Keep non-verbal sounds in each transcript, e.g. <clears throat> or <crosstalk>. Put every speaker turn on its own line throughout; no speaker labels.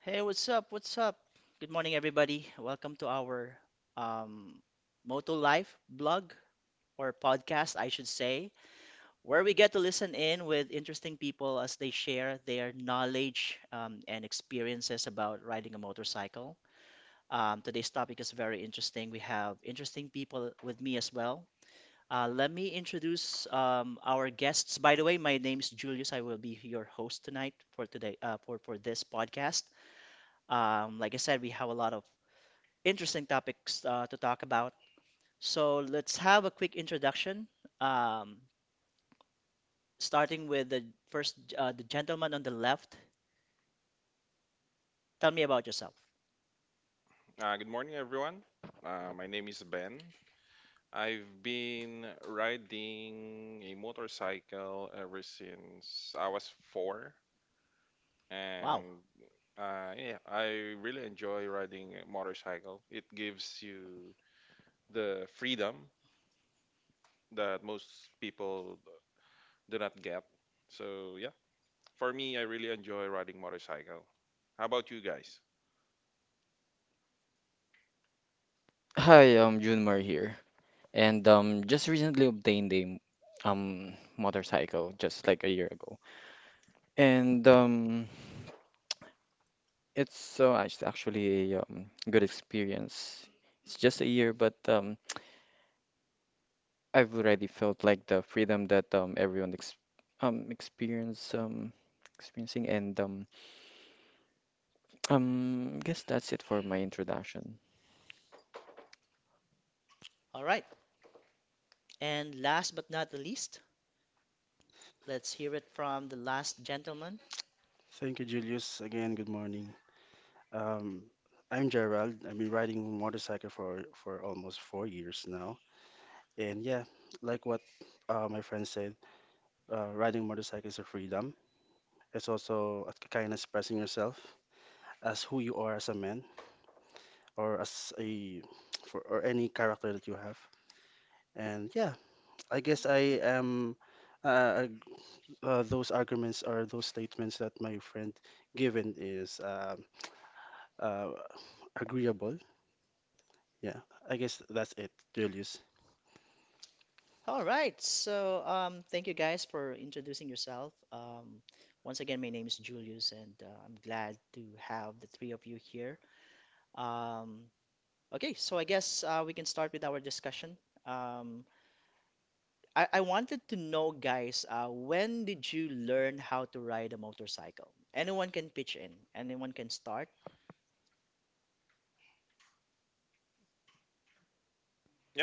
Hey, what's up? What's up? Good morning, everybody. Welcome to our um, Moto Life blog or podcast, I should say, where we get to listen in with interesting people as they share their knowledge and experiences about riding a motorcycle. Today's topic is very interesting. We have interesting people with me as well. Let me introduce our guests. By the way, my name's Julius. I will be your host tonight for today for this podcast. Like I said, we have a lot of interesting topics to talk about. So let's have a quick introduction, um, starting with the first, the gentleman on the left. Tell me about yourself.
Good morning, everyone. My name is Ben. I've been riding a motorcycle ever since I was four,
Wow.
and yeah, I really enjoy riding a motorcycle. It gives you the freedom that most people do not get. So yeah, for me, I really enjoy riding motorcycle. How about you guys?
Hi, I'm Junmar here, and just recently obtained a motorcycle just like a year ago, and it's actually a good experience. It's just a year, but I've already felt like the freedom that everyone ex experience experiencing, and guess that's it for my introduction.
All right. And last but not the least, let's hear it from the last gentleman.
Thank you, Julius. Again, good morning. Um, I'm Gerald. I've been riding motorcycle for almost 4 years now, and yeah, like what my friend said, riding motorcycle is a freedom. It's also a kind of expressing yourself as who you are as a man or as a for or any character that you have. And yeah, I guess I am. Uh, those arguments or those statements that my friend given is uh, agreeable. Yeah, I guess that's it, Julius.
All right. So thank you guys for introducing yourself. Once again, my name is Julius, and I'm glad to have the three of you here. Um, Okay, so I guess we can start with our discussion. Um, I wanted to know, guys, when did you learn how to ride a motorcycle? Anyone can pitch in, anyone can start.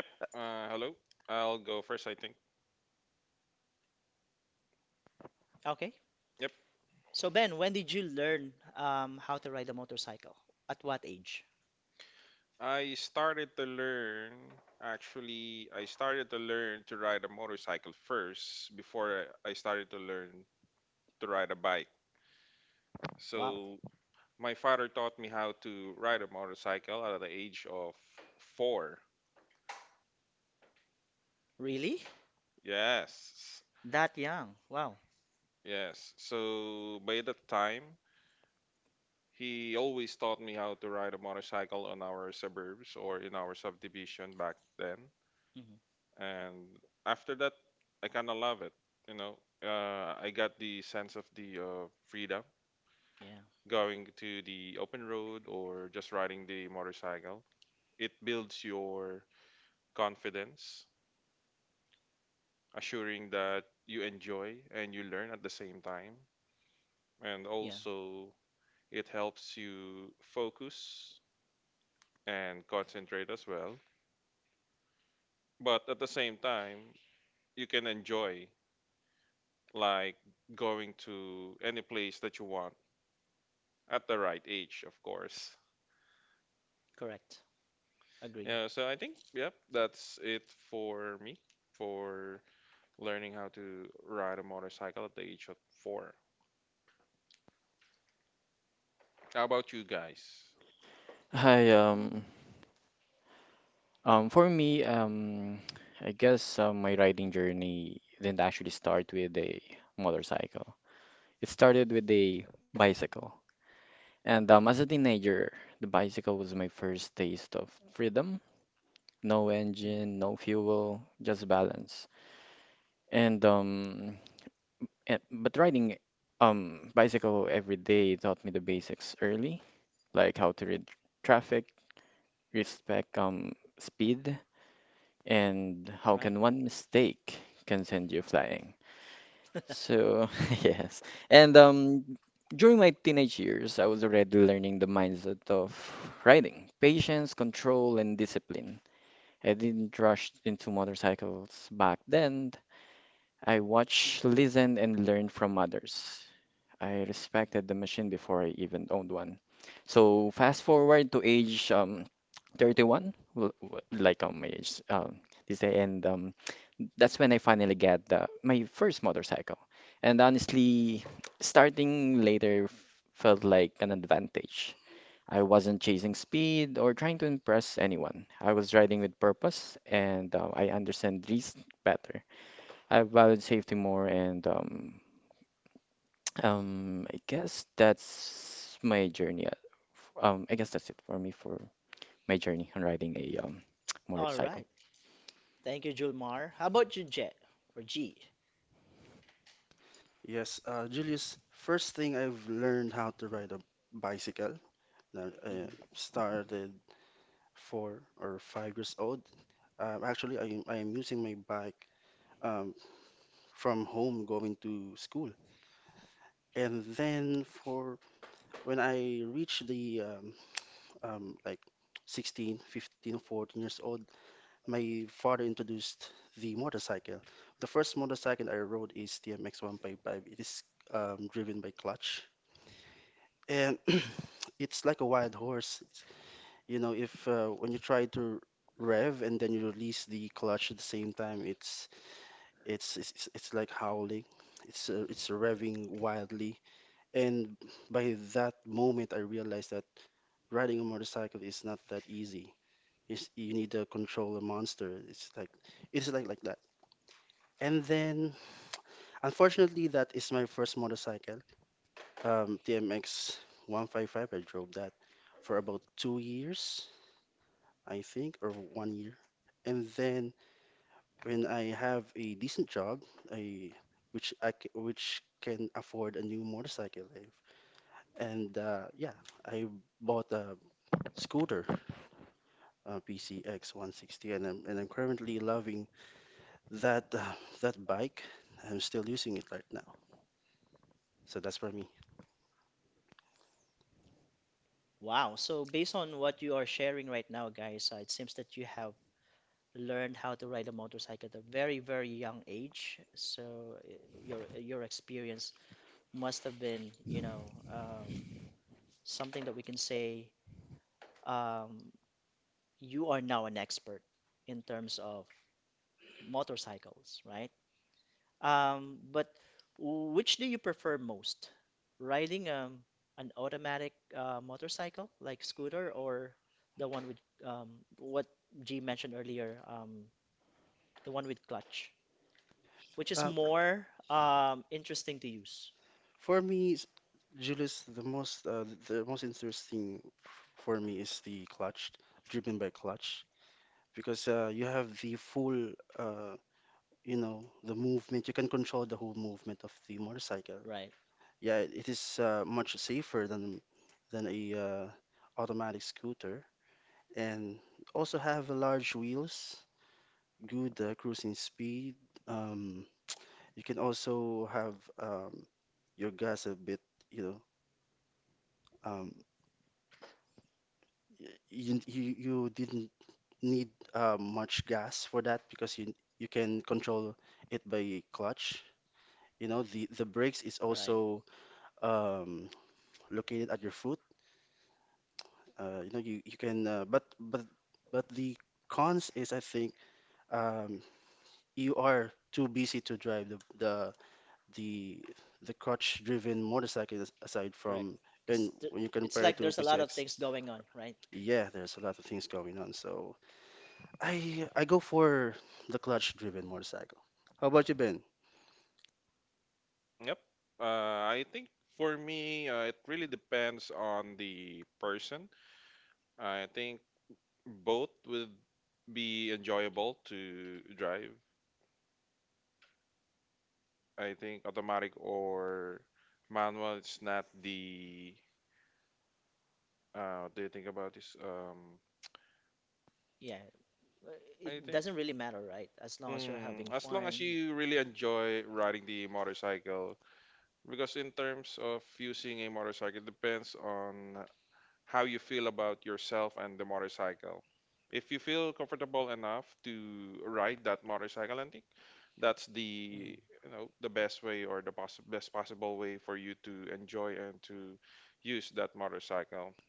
Yep. Hello. I'll go first, I think.
Okay,
Yep.
so Ben, when did you learn how to ride a motorcycle? At what age?
I started to learn, actually, I started to learn to ride a motorcycle first before I started to learn to ride a bike.
Wow,
So, my father taught me how to ride a motorcycle at the age of four.
really?
Yes,
That young? Wow.
yes. So, by that time, he always taught me how to ride a motorcycle on our suburbs or in our subdivision back then.
Hmm.
And after that, I kind of love it you know I got the sense of the freedom,
Yeah,
going to the open road or just riding the motorcycle. It builds your confidence, assuring that you enjoy and you learn at the same time. And
yeah,
also it helps you focus and concentrate as well, but at the same time you can enjoy, like, going to any place that you want. At the right age, of course.
correct. Agree.
Yeah, so I think, yep, that's it for me for learning how to ride a motorcycle at the age of four. How about you guys?
Hi, for me, I guess my riding journey didn't actually start with a motorcycle. It started with a bicycle. And as a teenager, the bicycle was my first taste of freedom. No
Mhm.
engine, no fuel, just balance. And um, but riding bicycle every day taught me the basics early, like how to read traffic, respect speed, and how
Right.
can one mistake can send you flying? So, <laughs> yes. And during my teenage years, I was already learning the mindset of riding, patience, control, and discipline. I didn't rush into motorcycles back then. I watched, listened, and learned from others. I respected the machine before I even owned one. So, fast forward to age 31, well, like my age, they say, and that's when I finally get my first motorcycle. And honestly, starting later felt like an advantage. I wasn't chasing speed or trying to impress anyone. I was riding with purpose, and I understand risk better. I valued safety more, and <tsk> I guess that's my journey. I guess that's it for me for my journey on riding a <tsk>
All
motorcycle.
right. Thank you, Julmar. How about you, Jet or G?
Yes, Julius, first thing I've learned how to ride a bicycle. Now,
Mm-hmm.
I started 4 or 5 years old. Actually, I am using my bike um, from home going to school. And then for when I reached the like 16, 15, 14 years old. My father introduced the motorcycle. The first motorcycle I rode is TMX 155. It is driven by clutch, and <clears throat> it's like a wild horse. You know, if when you try to rev and then you release the clutch at the same time, it's like howling. It's revving wildly, and by that moment, I realized that riding a motorcycle is not that easy. You need to control a monster. It's like And then, unfortunately, that is my first motorcycle, TMX 155. I drove that for about 2 years, I think, or 1 year. And then, when I have a decent job, I which I c- which can afford a new motorcycle, I- and yeah, I bought a scooter, PCX 160, and I'm currently loving that uh, that bike. I'm still using it right now, so that's for me.
Wow. So based on what you are sharing right now, guys, it seems that you have learned how to ride a motorcycle at a very, very young age. So your experience must have been, you know, something that we can say um, you are now an expert in terms of motorcycles, right? But which do you prefer most? Riding an automatic motorcycle like scooter or the one with um, what G mentioned earlier, the one with clutch, which is
Uh,
more interesting to use.
For me, Julius, the most interesting for me is the clutch, driven by clutch, because you have the full uh, you know the movement. You can control the whole movement of the motorcycle.
Right,
Yeah, it is much safer than a automatic scooter, and also have large wheels, good cruising speed. Um, you can also have um, your gas a bit, you know. Um, you didn't need much gas for that because you can control it by clutch. You know, the brakes is
right,
also um, located at your foot. You know, you can but the cons is, I think, um, you are too busy to drive the the crutch-driven motorcycle aside
correct.
from and
Because th
when you
it's
compare
like
to
there's a lot of
PCX,
things going on, right?
yeah, there's a lot of things going on. So I go for the clutch-driven motorcycle. How about you, Ben?
Yep. I think for me, it really depends on the person. I think both would be enjoyable to drive. I think automatic or manual is not the. What do you think about this?
Yeah, uh,
I
it
think.
doesn't really matter, right? As long as you're having
As long as
fun.
you really enjoy riding the motorcycle, because in terms of using a motorcycle, it depends on how you feel about yourself and the motorcycle. If you feel comfortable enough to ride that motorcycle, I think that's
Mhm.
the the best way or the best possible way for you to enjoy and to use that motorcycle.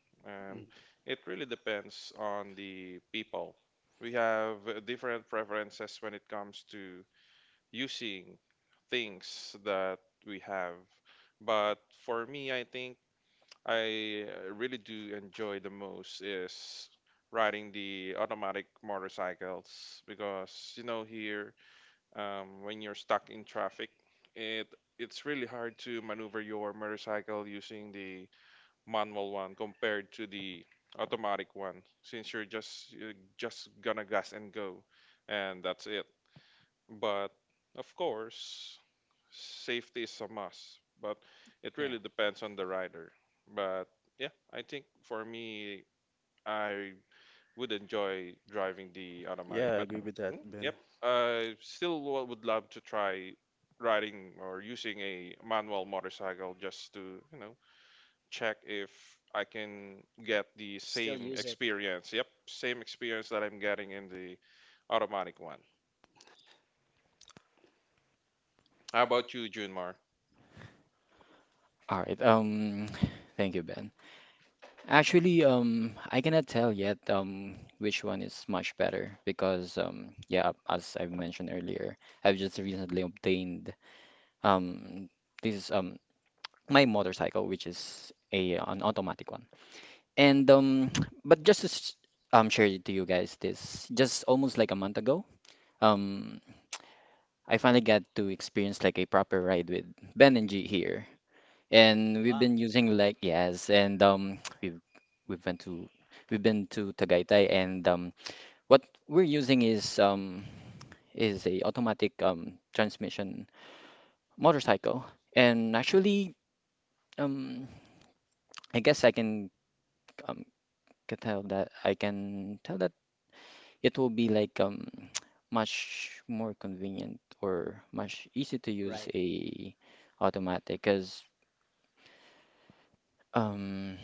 Mm,
And it really depends on the people. We have different preferences when it comes to using things that we have. But for me, I think I really do enjoy the most is riding the automatic motorcycles, because, you know, here when you're stuck in traffic, it it's really hard to maneuver your motorcycle using the manual one compared to the automatic one, since you're just gonna gas and go, and that's it. But of course, safety is a must, but it
Yeah,
really depends on the rider. But yeah, I think for me, I would enjoy driving the
yeah,
automatic.
I
But
agree with that, Ben.
yep, I still would love to try riding or using a manual motorcycle just to check if I can get the
still
same
use it.
experience. Yep, same experience that I'm getting in the automatic one. How about you, Junmar?
All right. <sighs> Thank you, Ben. Actually, I cannot tell yet which one is much better, because yeah, as I've mentioned earlier, I've just recently obtained, um this is my motorcycle, which is a an automatic one. And <tsk> but just to share it to you guys, this just almost like a month ago, um, I finally got to experience like a proper ride with Ben and G here, and we've
Wow,
been using, like, yes, and <tsk> we've been to we've been to Tagaytay, and what we're using is a automatic transmission motorcycle, and actually um I guess um I can tell that it will be like <tsk> much more convenient or much easy to use
right.
a automatic, because Um,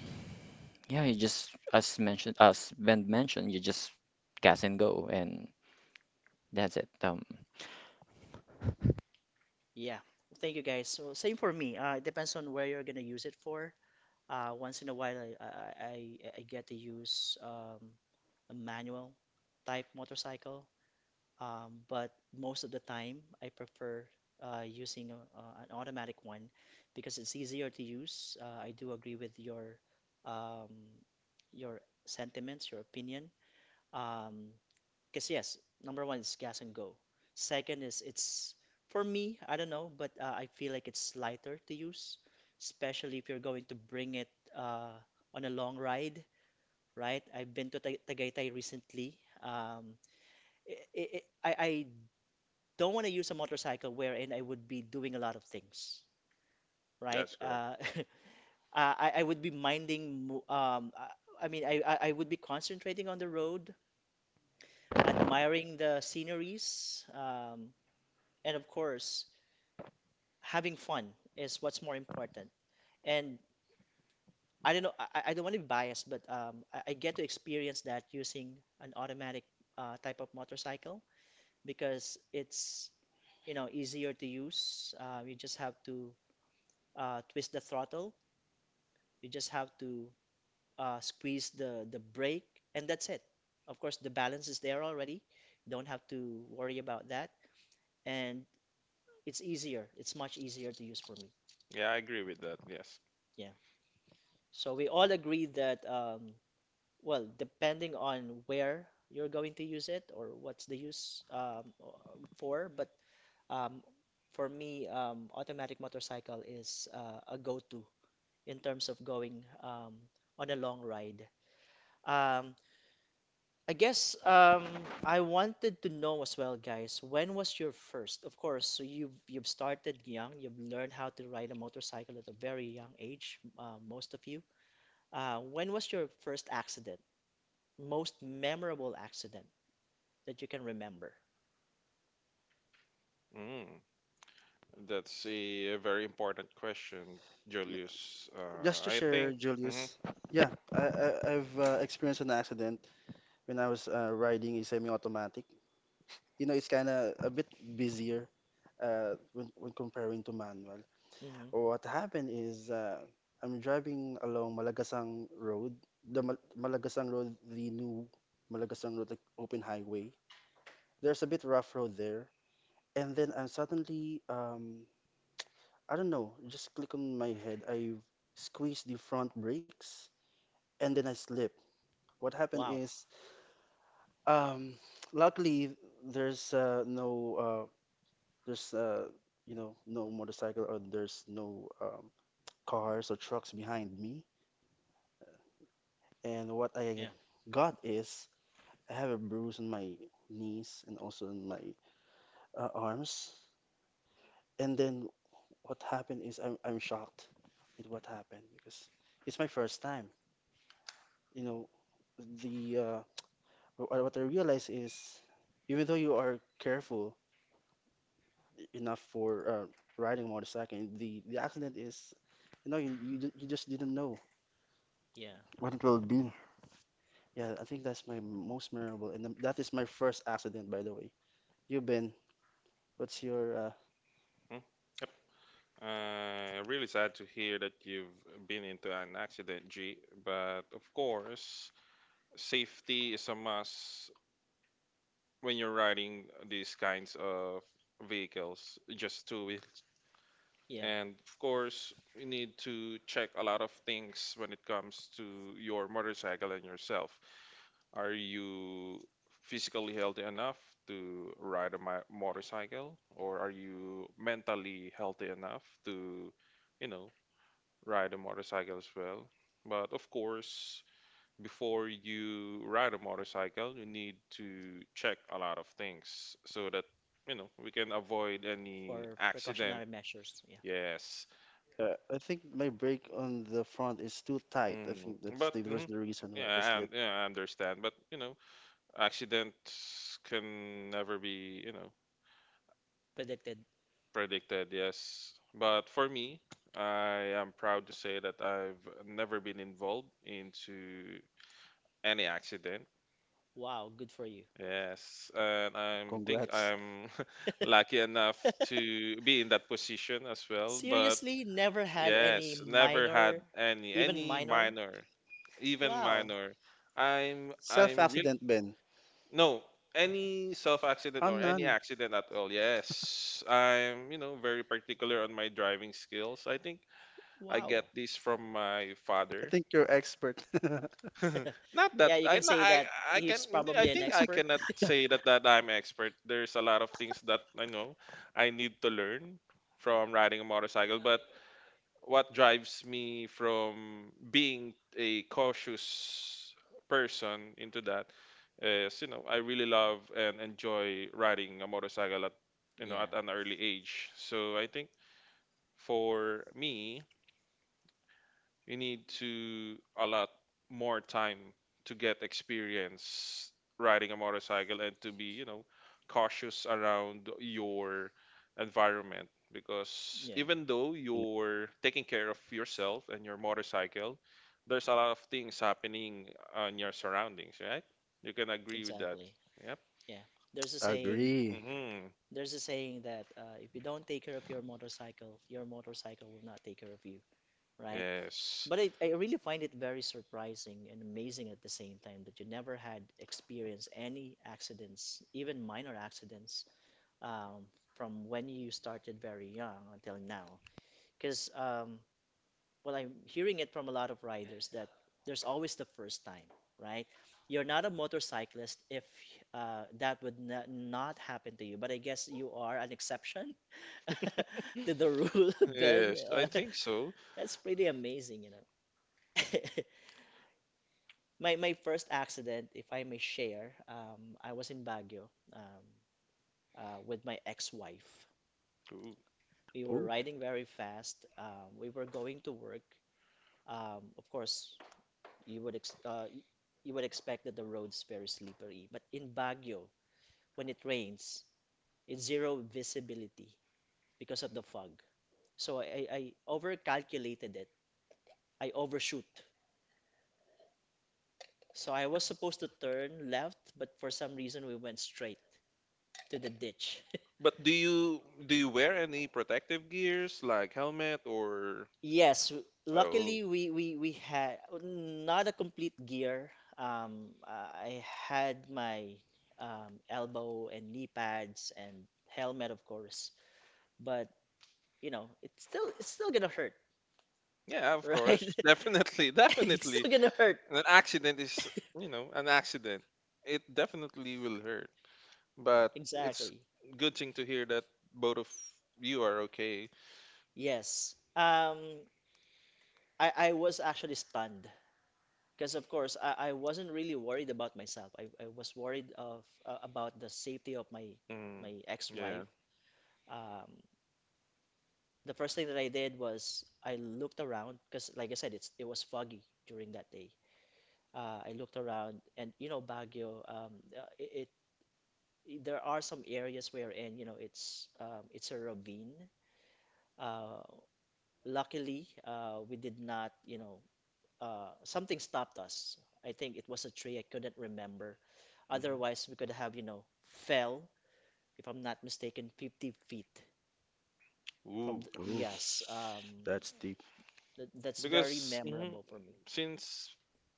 yeah, you just, as mentioned as Ben mentioned, you just gas and go, and that's it.
Yeah. Thank you guys. So same for me. It depends on where you're gonna use it for. Once in a while, I get to use a manual type motorcycle. But most of the time, I prefer using an automatic one because it's easier to use. I do agree with um, your sentiments, your opinion. Um, because yes, number one is gas and go. Second is it's for me, I don't know, but I feel like it's lighter to use, especially if you're going to bring it uh, on a long ride, right? I've been to Tagaytay recently. Um, I don't want to use a motorcycle wherein I would be doing a lot of things, right?
That's correct.
<laughs> I would be minding, mo- I mean, I would be concentrating on the road, admiring the sceneries. And of course having fun is what's more important and I don't know I don't want to be biased but I get to experience that using an automatic type of motorcycle because it's, you know, easier to use. You just have to twist the throttle, you just have to squeeze the brake and that's it. Of course the balance is there already, you don't have to worry about that, and it's easier, it's much easier to use for me,
Yeah, I agree with that. Yes.
yeah. So we all agree that, well, depending on where you're going to use it or what's the use for, but um, for me, automatic motorcycle is a go-to in terms of going on a long ride. Um, I guess I wanted to know as well, guys, when was your first? Of course, so you've started young, you've learned how to ride a motorcycle at a very young age, most of you. When was your first accident? Most memorable accident that you can remember.
Mm. That's a very important question, Julius.
Just to
I
share,
think. Mhm,
Julius. Yeah, I've experienced an accident when I was riding a semi-automatic. You know, it's kind of a bit busier when comparing to manual.
Hmm.
What happened is I'm driving along Malagasang Road, the Malagasang Road, the new Malagasang Road, like open highway. There's a bit rough road there, and then I'm suddenly, I don't know, just click on my head. I squeezed the front brakes and then I slip. What happened
Wow.
is, um, luckily there's no, uh, there's no motorcycle or there's no cars or trucks behind me. And what
Yeah.
I got is I have a bruise on my knees and also on my arms. And then what happened is I'm shocked with what happened because it's my first time. You know, the uh, what I realize is even though you are careful enough for riding a motorcycle, the accident is, you just didn't know
Yeah.
what it will be. Yeah, I think that's my most memorable, and that is my first accident, by the way. You Ben, what's your?
mhm. Yep. Really sad to hear that you've been into an accident, G. But of course, safety is a must when you're riding these kinds of vehicles, just two.
Yeah.
And of course, you need to check a lot of things when it comes to your motorcycle and yourself. Are you physically healthy enough to ride a motorcycle, or are you mentally healthy enough to, you know, ride a motorcycle as well? But of course, before you ride a motorcycle, you need to check a lot of things so that, you know, we can avoid any
Or
accident.
precautionary measures. Yeah.
Yes.
I think my brake on the front is too tight. I
Mm,
think
but
that's
mhm,
was the reason why I
yeah,
slipped.
yeah, I understand. But you know, accidents can never be
Predicted.
predicted. Yes, but for me, I am proud to say that I've never been involved into any accident.
Wow. Good for you.
Yes, and I think
Congrats.
I'm <laughs> lucky enough to be in that position as well. But
Seriously, never had any
yes, never had
minor,
any
even
any
minor.
minor, even
Wow.
minor. I'm really.
Self-accident, Ben.
No, any self accident
Oh,
or any
none.
accident at all. Yes, I'm very particular on my driving skills. I think I
Wow.
get this from my
I
father.
think you're expert. <laughs>
<laughs>
<laughs> Not that
Yeah, you can say that
I can
he's
I
probably an
think I
expert.
cannot say that I'm expert. There's a lot of things that I know I need to learn from riding a motorcycle, but what drives me from being a cautious person into that is I really love and enjoy riding a motorcycle at
<laughs>
you know
Yeah.
at an early age. So I think for me you need to a lot more time to get experience riding a motorcycle and to be cautious around your environment, because
Yeah.
even though
Yeah,
you're taking care of yourself and your motorcycle, there's a lot of things happening on your surroundings, right? You can agree with that.
Exactly.
Yep.
Yeah. There's a saying.
agree.
Hmm.
There's a saying that if you don't take care of your motorcycle will not take care of you, right?
Yes,
But I really find it very surprising and amazing at the same time that you never had experienced any accidents, even minor accidents, um, from when you started very young until now. Because well, I'm hearing it from a lot of riders that there's always the first time, right? You're not a motorcyclist if that would n not happen to you. But I guess you are an exception <laughs> to the rule, <laughs> Ben.
yes, I think so.
<laughs> That's pretty amazing, you know. <laughs> My first accident, if I may share, I was in Baguio with my ex-wife.
Cool.
We were
Oh,
riding very fast. We were going to work. Of course, you would you would expect that the road's very slippery, but in Baguio, when it rains, it's zero visibility because of the fog. So I overcalculated it. I overshoot. So I was supposed to turn left, but for some reason we went straight to the ditch. <laughs>
But do you wear any protective gears like helmet or—
Yes,
Oh
luckily we had not a complete gear. I had my elbow and knee pads and helmet, of course. But you know, it's still gonna hurt,
yeah, of
right?
course. <laughs>
<laughs>
Definitely,
It's
definitely.
still gonna hurt.
And an accident is, an accident, it definitely will hurt, but it's
Exactly.
good thing to hear that both of you are okay.
Yes. I was actually stunned because of course I wasn't really worried about myself. I was worried of about the safety of my
Mm,
my
yeah.
ex-wife. Um, the first thing that I did was I looked around because, like I said, it was foggy during that day. I looked around, and you know, Baguio, it, it there are some areas wherein you know it's a ravine. Uh, Luckily, we did not, you know, something stopped us. I think it was a tree. I couldn't remember.
Hmm.
Otherwise, we could have, you know, fell, if I'm not mistaken, 50 feet
Ooh,
from the,
oh,
yes,
that's deep.
th that's very
because mhm,
memorable for me.
since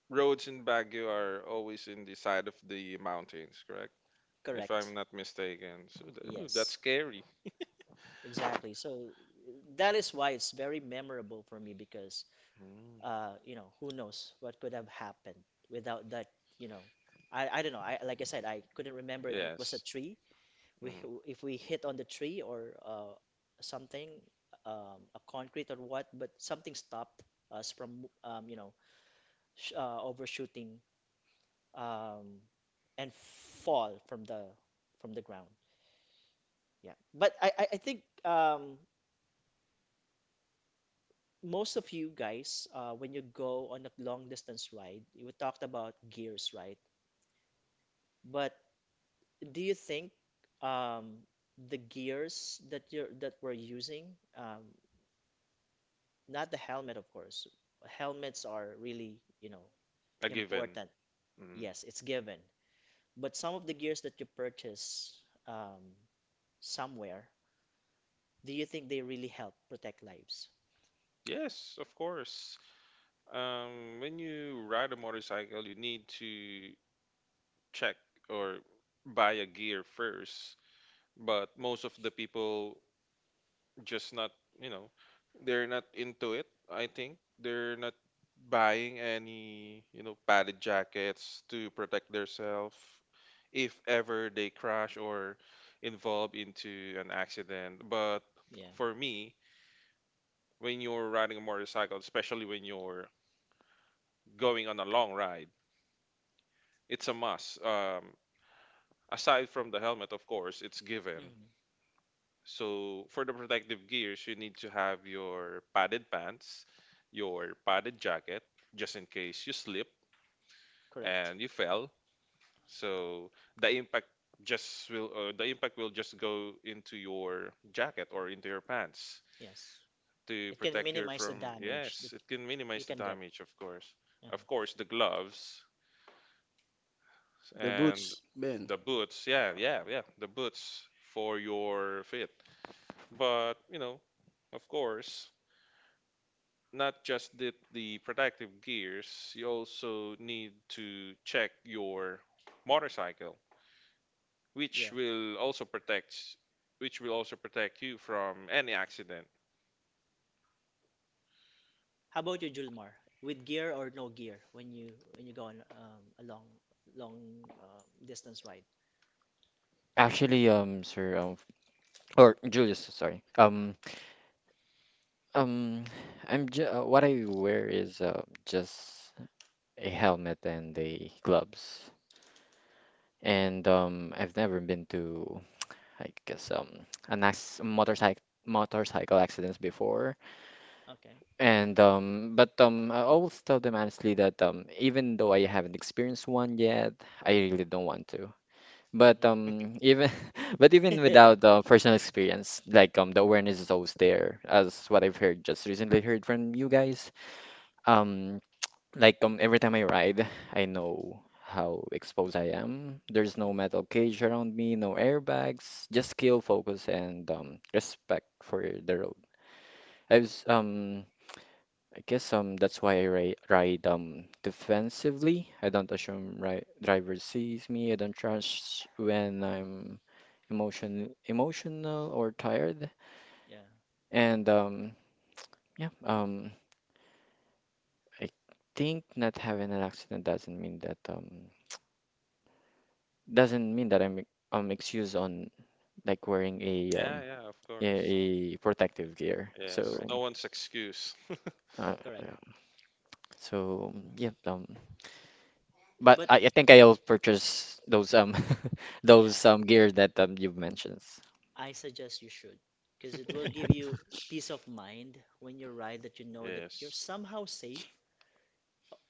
roads in Baguio are always in the side of the mountains, correct if I'm
Correct.
not mistaken. So ooh, that's
Yes,
scary.
exactly. So that is why it's very memorable for me because
Mm.
you know, who knows what could have happened without that, you know. I don't know. I like I said, I couldn't remember if it was a
Yes,
tree, we
mm.
if we hit on the tree or something, a concrete or what, but something stopped us from you know, sh overshooting um, and fall from the ground. Yeah. But I think most of you guys, when you go on a long distance ride, we talked about gears, right? But do you think um, the gears that you're that we're using, um, not the helmet, of course. Helmets are really, you know,
A given.
important.
Mm.
Yes, it's given. But some of the gears that you purchase um, somewhere, do you think they really help protect lives?
Yes, of course. When you ride a motorcycle, you need to check or buy a gear first. But most of the people just not, you know they're not into it. I think they're not buying any, you know, padded jackets to protect themselves if ever they crash or involve into an accident. But
Yeah.
for me, when you're riding a motorcycle, especially when you're going on a long ride, it's a must. Um, aside from the helmet, of course, it's given.
Mhm.
So for the protective gears, you need to have your padded pants, your padded jacket, just in case you slip
Correct.
and you fell. So the impact just will, the impact will just go into your jacket or into your pants
Yes.
to
It can
protect you
minimize the
from—
damage.
Yes, it can
You
minimize the
can get.
damage, of course. Of
Uh-huh.
course, the gloves
The
and
boots, Ben.
the boots. Yeah, yeah, yeah, the boots for your feet. But you know, of course, not just the protective gears, you also need to check your motorcycle, which
Yeah.
will also protect which will also protect you from any accident.
How about you, Julmar? With gear or no gear when you go on a long distance ride?
Actually, sir, or Julius, sorry. Um, I'm ju what I wear is just a helmet and the gloves, and I've never been to, I guess, an ax motorcycle accidents before.
Okay.
And but I always tell them honestly that, even though I haven't experienced one yet, I really don't want to. But
Hmm.
even <laughs> but even
<laughs> Yeah.
without personal experience, like, the awareness is always there, as what I've heard just recently heard from you guys. Um, like, every time I ride, I know how exposed I am. There's no
Mhm.
metal cage around me, no airbags, just skill, focus, and respect for the road. I was um I guess that's why I ri ride defensively. I don't assume ri driver sees me. I don't trust when I'm emotional or tired.
Yeah.
And yeah, I think not having an accident doesn't mean that I'm excused on, like, wearing
Yeah, yeah, of
a,
course.
a protective gear.
Yes,
So
Correct.
no one's excuse.
uh,
Correct.
yeah. So yeah, but
But
I think I'll purchase those <laughs>
yeah,
those gear that you've mentioned.
I suggest you should because it will
<laughs>
give you peace of mind when you ride that you know that you're
Yes.
somehow safe.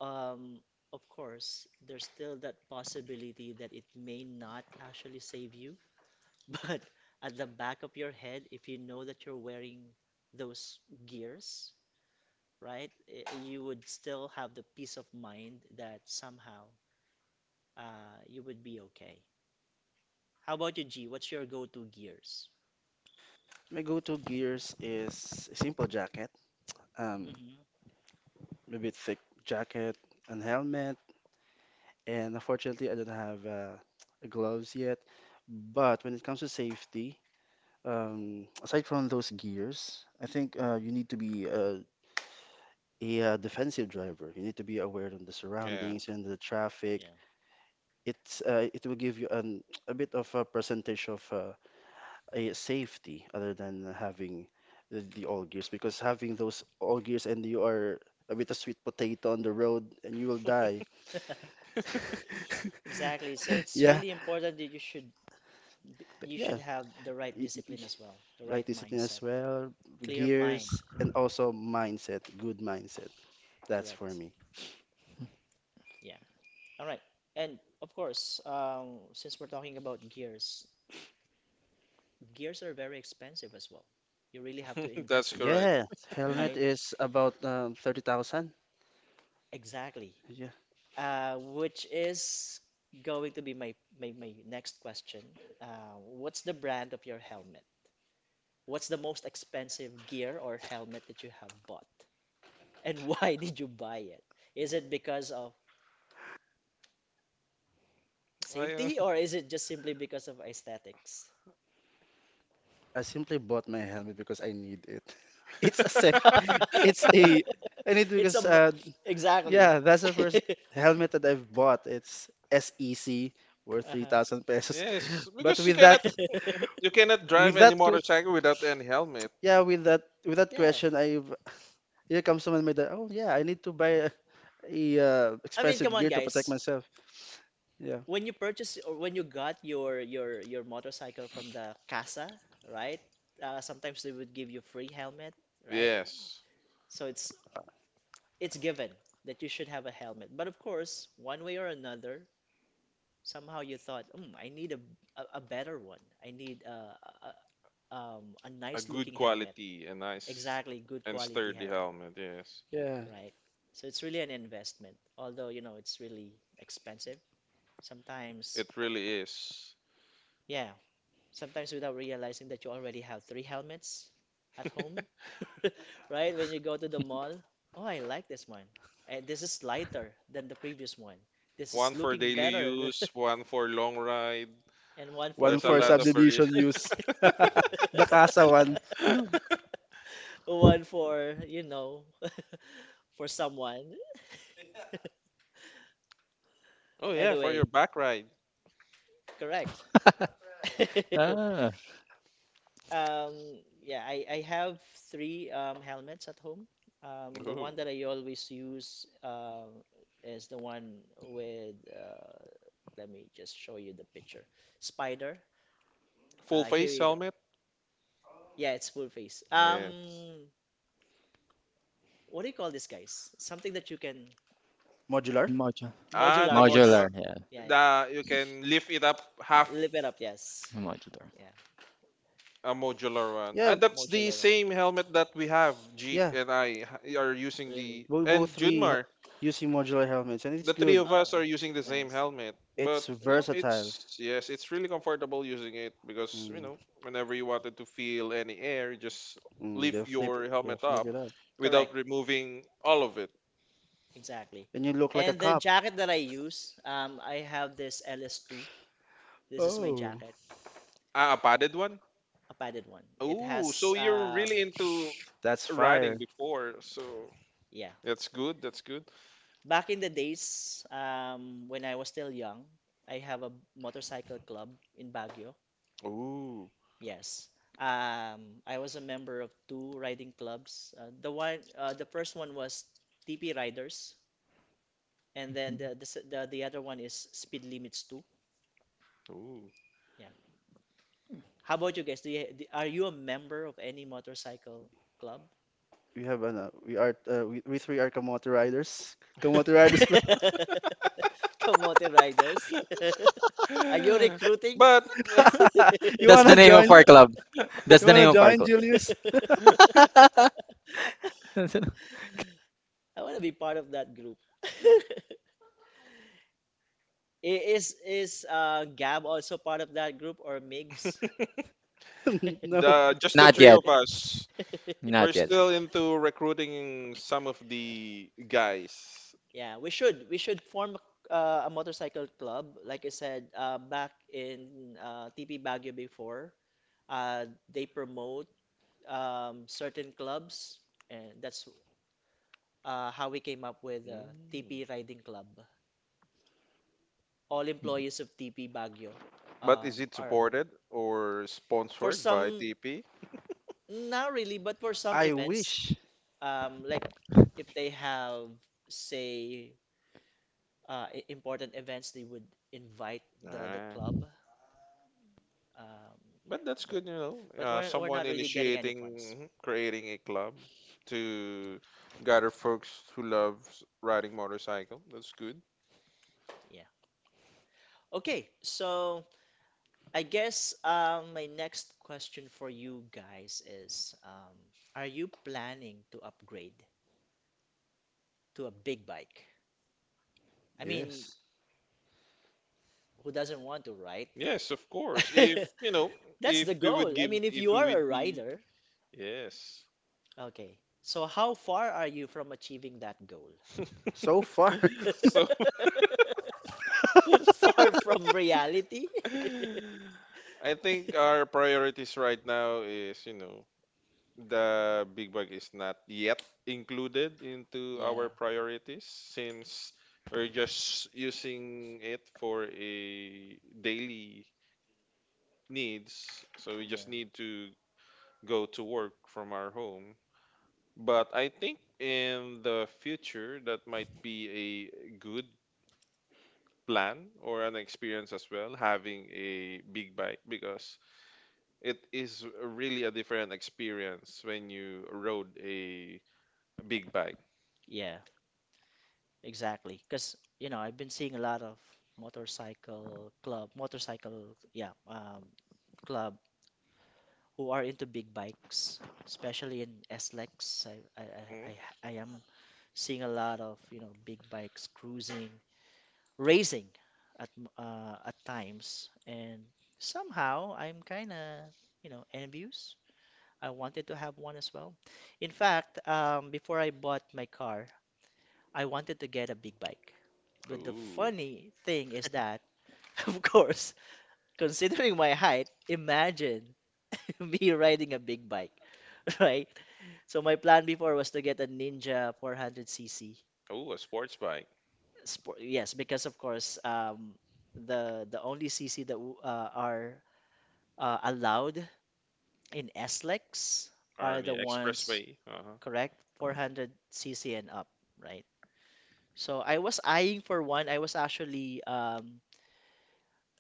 Um, of course, there's still that possibility that it may not actually save you. <laughs> But at the back of your head, if you know that you're wearing those gears, right, you would still have the peace of mind that somehow you would be okay. How about you, G? What's your go-to gears?
My go-to gears is a simple jacket, um,
Hmm.
maybe thick jacket and helmet. And unfortunately, I don't have gloves yet. But when it comes to safety, aside from those gears, I think
Hmm.
you need to be a defensive driver. You need to be aware of the
Yeah,
surroundings and the traffic.
Yeah.
It will give you a bit of a percentage of a safety, other than having the all gears, because having those all gears and you are a bit of sweet potato on the road and you will die.
<laughs>
<laughs>
Exactly. So it's
Yeah,
really important that you should you
yeah.
should have the right
Y- y-
discipline
y-
as well, the
Right
right
discipline as
mindset,
well,
clear mind.
gears, and also mindset, good mindset. That's for
Correct.
me.
Yeah. All right. And of course, since we're talking about gears, gears are very expensive as well. You really have to
<laughs>
invest
that's
in them,
correct.
Yeah,
<laughs>
helmet
right?
is about 30,000.
Exactly.
Yeah,
Which is going to be my next question. What's the brand of your helmet? What's the most expensive gear or helmet that you have bought? And <laughs> why did you buy it? Is it because of
I, uh,
safety or is it just simply because of aesthetics?
I simply bought my helmet because I need it. <laughs> It's a sec. It's a.
<laughs>
I need
It's a
because
exactly.
yeah, that's the first
<laughs>
helmet that I've bought. It's SEC worth three
Uh-huh.
thousand pesos.
yes,
<laughs> But
because you cannot <laughs>
<laughs>
you cannot drive
with
any
that,
motorcycle without any helmet.
yeah, with that, with that,
Yeah.
question, I've here comes someone made that. Oh yeah, I need to buy a
I mean,
expensive
come on,
gear to protect
guys.
myself. Yeah,
When you purchase or when you got your motorcycle from the casa, right? Sometimes they would give you free helmet, right?
Yes.
So it's given that you should have a helmet. But of course, one way or another, somehow you thought, I need a better one. I need a
A
nice
good
looking helmet.
quality, a nice
Exactly, good
and
quality
sturdy
helmet,
helmet. Yes,
yeah.
right? So it's really an investment, although you know it's really expensive.
it
Sometimes,
really is.
yeah, sometimes without realizing that you already have three helmets at home, <laughs> right? When you go to the mall, oh, I like this one. And this is lighter than the previous one. This is
One for
looking
daily
better.
use, one for long ride.
<laughs> And one for
One
There's a
who
for
lot of
knows?
variation.
subdivision
<laughs>
use. <laughs> The
<laughs>
Casa one
No,
One for, <laughs> for someone.
Oh yeah, for your
Anyway.
back ride.
Correct. <laughs>
<laughs> ah,
Yeah, I have three helmets at home. The
Ooh.
one that I always use is the one with, let me just show you the picture. Spider.
Full
Here
face
you go.
helmet.
Yeah, it's full face.
Yes.
What do you call this, guys? Something that you can
modular.
Mojo.
Ah, the
modular, yes.
modular.
modular, yes,
Yeah,
The you can lift it up half
lift it up, yes.
modular.
Yeah,
a modular one. Ah,
Yeah,
that's the
modular one.
same helmet that we have. G
yeah.
and I are using the,
Really?
We both
and
three
Junmar,
using modular helmets, and it's
the three
good.
of
Oh,
us are using the same
nice.
helmet, but
It's
you know
versatile.
it's, yes, it's really comfortable using it because
Mm,
whenever you wanted to feel any air, you just
mm,
lift
they'll flip,
your
they'll
helmet
flip
up
it up,
without
Correct.
removing all of it.
Exactly.
and you look like a
And the
cop.
jacket that I use, I have this LS2. This is my
Oh,
jacket,
Ah, a padded one.
a padded one. It
Ooh, so
has,
you're really into
that's
riding
fire.
before, so
yeah.
that's good, that's good.
Back in the days, when I was still young, I have a motorcycle club in Baguio.
Ooh,
Yes. I was a member of two riding clubs. The first one was TP Riders, and then the, s- the other one is Speed Limits 2.
ooh.
Yeah. How about you guys? Are you a member of any motorcycle club?
We three are Kamote Riders. <laughs> Kamote Riders Club.
<laughs> Kamote Riders. <laughs> Are you
<gasps> <laughs>
recruiting?
But <laughs>
<laughs> You
<laughs>
That's the
wanna
name of
join?
our club. That's
You
the
wanna
name of our
join,
club.
Julius?
<laughs>
I want to be part of that group. <laughs> Is Gab also part of that group, or Migs?
<laughs> No.
the just the
<laughs>
Not
three
yet,
of us. We're
not yet.
still into recruiting some of the guys.
Yeah, we should form a motorcycle club. Like I said, back in TP Baguio before, they promote certain clubs, and that's how we came up with
Mm.
TP Riding Club. All employees of TP Baguio
But is it
are
supported or
for
sponsored by
some,
TP?
not really, but for some
I
events,
wish.
like if they have, say, important events, they would invite the
Ah,
club. Um, yeah,
but that's
but
good, you know.
but we're
Someone
not really getting any
initiating,
funds.
mhm, creating a club to gather folks who love riding motorcycle. That's good.
Yeah. Okay, so I guess my next question for you guys is, are you planning to upgrade to a big bike? I mean,
Yes.
who doesn't want to, right?
Yes, of course. If
<laughs>
you know,
That's
if
the
we would
goal. I
give,
mean, if
if
you
we
are a
would be,
rider,
yes.
okay. So how far are you from achieving that goal?
So far, <laughs>
<laughs> So
<laughs> Far from reality?
<laughs>
<laughs>
I think our priorities right now is, you know, the big bag is not yet included into our
Yeah,
priorities since we're just using it for a daily needs. So we
yeah,
just need to go to work from our home. But I think in the future that might be a good plan or an experience as well, having a big bike, because it is really a different experience when you rode a big bike.
yeah. Exactly, because you know I've been seeing a lot of motorcycle club, motorcycle, yeah, club who are into big bikes, especially in SLEX. I I I
Mm?
I I am seeing a lot of big bikes cruising, racing at at times, and somehow I'm kind of envious. I wanted to have one as well. In fact, before I bought my car, I wanted to get a big bike. But the
Ooh,
funny thing is that, <laughs> of course, considering my height, imagine <laughs> me riding a big bike, <laughs> right? So my plan before was to get a Ninja 400cc
ooh, a sports bike
sport. Yes, because of course, the only CC that are allowed in SLEX
on
are
the
the ones,
expressway. Uh-huh.
correct, 400cc and up, right? So I was eyeing for one. I was actually um,